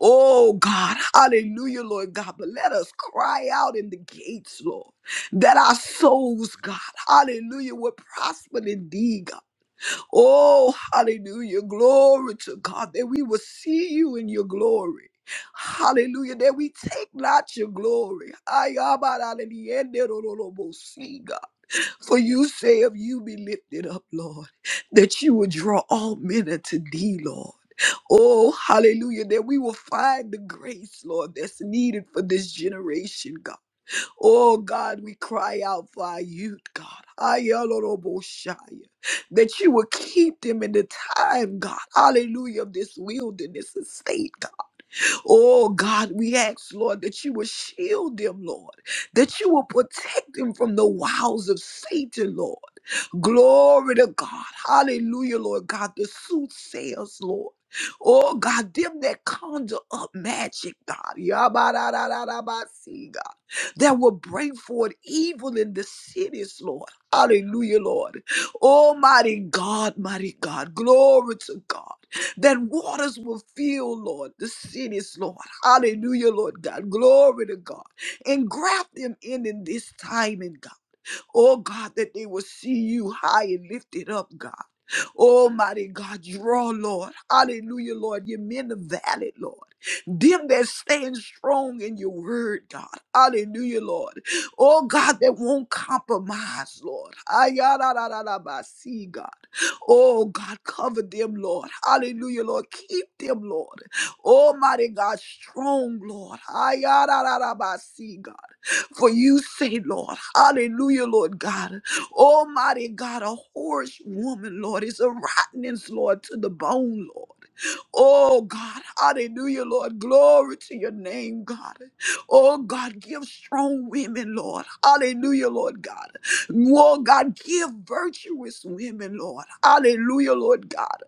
Speaker 5: Oh God, hallelujah, Lord God. But let us cry out in the gates, Lord, that our souls, God, hallelujah, will prosper indeed, God. Oh, hallelujah. Glory to God that we will see you in your glory. Hallelujah. That we take not your glory. Ay, abba, la, la, li, en, de, ro, derororobo, see, God. For you say, if you be lifted up, Lord, that you will draw all men unto thee, Lord. Oh, hallelujah, that we will find the grace, Lord, that's needed for this generation, God. Oh God, we cry out for our youth, God. Ayaloroboshaya. That you will keep them in the time, God. Hallelujah, of this wilderness estate, God. Oh God, we ask, Lord, that you will shield them, Lord. That you will protect them from the wiles of Satan, Lord. Glory to God. Hallelujah, Lord God. The soothsayers, Lord. Oh God, them that conjure up magic, God. Yabarararabasi, God. That will bring forth evil in the cities, Lord. Hallelujah, Lord. Almighty God, mighty God. Glory to God. That waters will fill, Lord, the cities, Lord. Hallelujah, Lord God. Glory to God. And graft them in in this time, in God. Oh God, that they will see you high and lifted up, God. Almighty God, draw, Lord. Hallelujah, Lord. You men of valid, Lord. Them that stand strong in your word, God. Hallelujah, Lord. Oh God, that won't compromise, Lord. Ayararararabasi, God. Oh God, cover them, Lord. Hallelujah, Lord. Keep them, Lord. Almighty God, strong, Lord. Ayarararabasi, God. For you say, Lord, hallelujah, Lord God, almighty God, a whorish woman, Lord, is a rottenness, Lord, to the bone, Lord. Oh God, hallelujah, Lord. Glory to your name, God. Oh God, give strong women, Lord. Hallelujah, Lord God. Oh God, give virtuous women, Lord. Hallelujah, Lord God.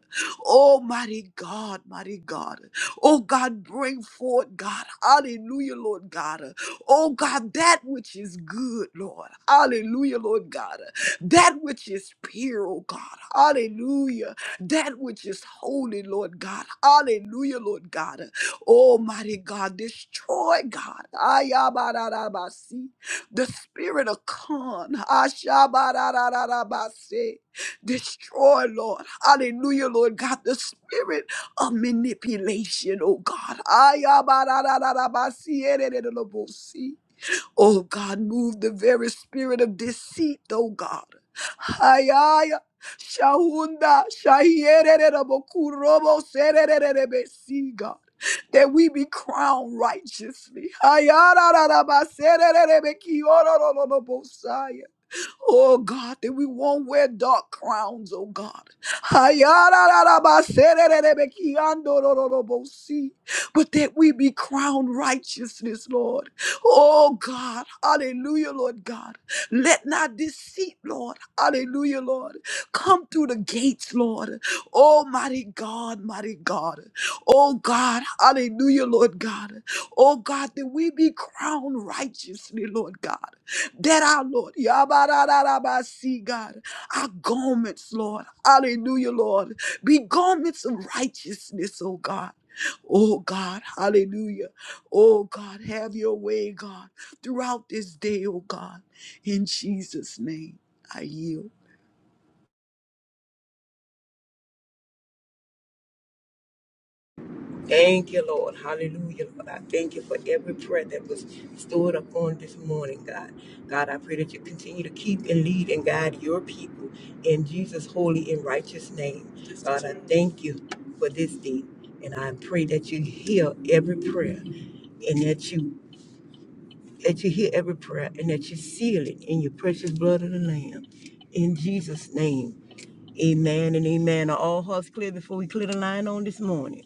Speaker 5: Oh mighty God, mighty God. Oh God, bring forth, God. Hallelujah, Lord God. Oh God, that which is good, Lord. Hallelujah, Lord God. That which is pure, oh God. Hallelujah that which is holy, Lord God. Hallelujah, Lord God. Almighty God, destroy God. Ayabarabasi. The spirit of con. Ashabarabasi. Destroy, Lord. Hallelujah, Lord God. The spirit of manipulation, oh God. Ayabarabasi. Oh God, move the very spirit of deceit, oh God. Hayaya. Shahunda, Shahiererebokurobo, Serererebesi, God, that we be crowned righteously. Hayarararaba, Serererebekiorororobosaya. Oh God, that we won't wear dark crowns, oh God. Ayarararabaserererebekiandorororobosi. But that we be crowned righteousness, Lord. Oh God, hallelujah, Lord God. Let not deceit, Lord, hallelujah, Lord, come through the gates, Lord. Almighty God, mighty God. Oh God, hallelujah, Lord God. Oh God, that we be crowned righteously, Lord God that our Lord, Yabarararabasi, God, our garments, Lord, hallelujah, Lord, be garments of righteousness, oh God. Oh God, hallelujah. Oh God, have your way, God, throughout this day, oh God. In Jesus' name, I yield.
Speaker 3: Thank you, Lord. Hallelujah, Lord. I thank you for every prayer that was stored up on this morning, God. God, I pray that you continue to keep and lead and guide your people in Jesus' holy and righteous name. God, I thank you for this day. And I pray that you hear every prayer and that you that you hear every prayer and that you seal it in your precious blood of the Lamb. In Jesus' name. Amen and amen. Are all hearts clear before we clear the line on this morning?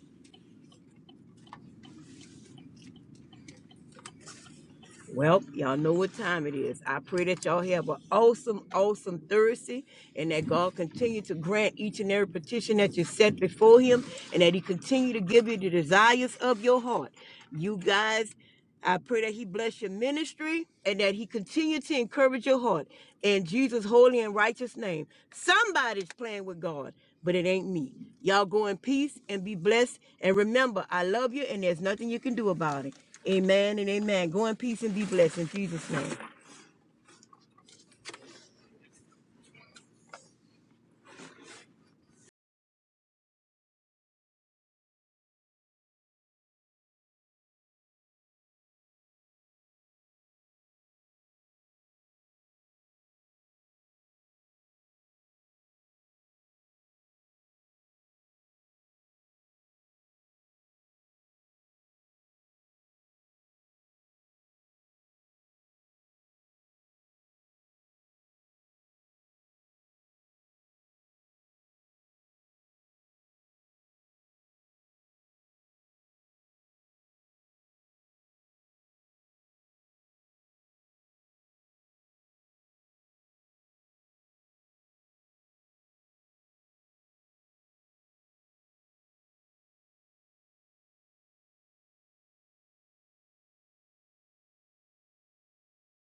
Speaker 3: Well, y'all know what time it is. I pray that y'all have an awesome, awesome Thursday and that God continue to grant each and every petition that you set before him and that he continue to give you the desires of your heart. You guys, I pray that he bless your ministry and that he continue to encourage your heart in Jesus' holy and righteous name. Somebody's playing with God, but it ain't me. Y'all go in peace and be blessed. And remember, I love you and there's nothing you can do about it. Amen and amen. Go in peace and be blessed in Jesus' name.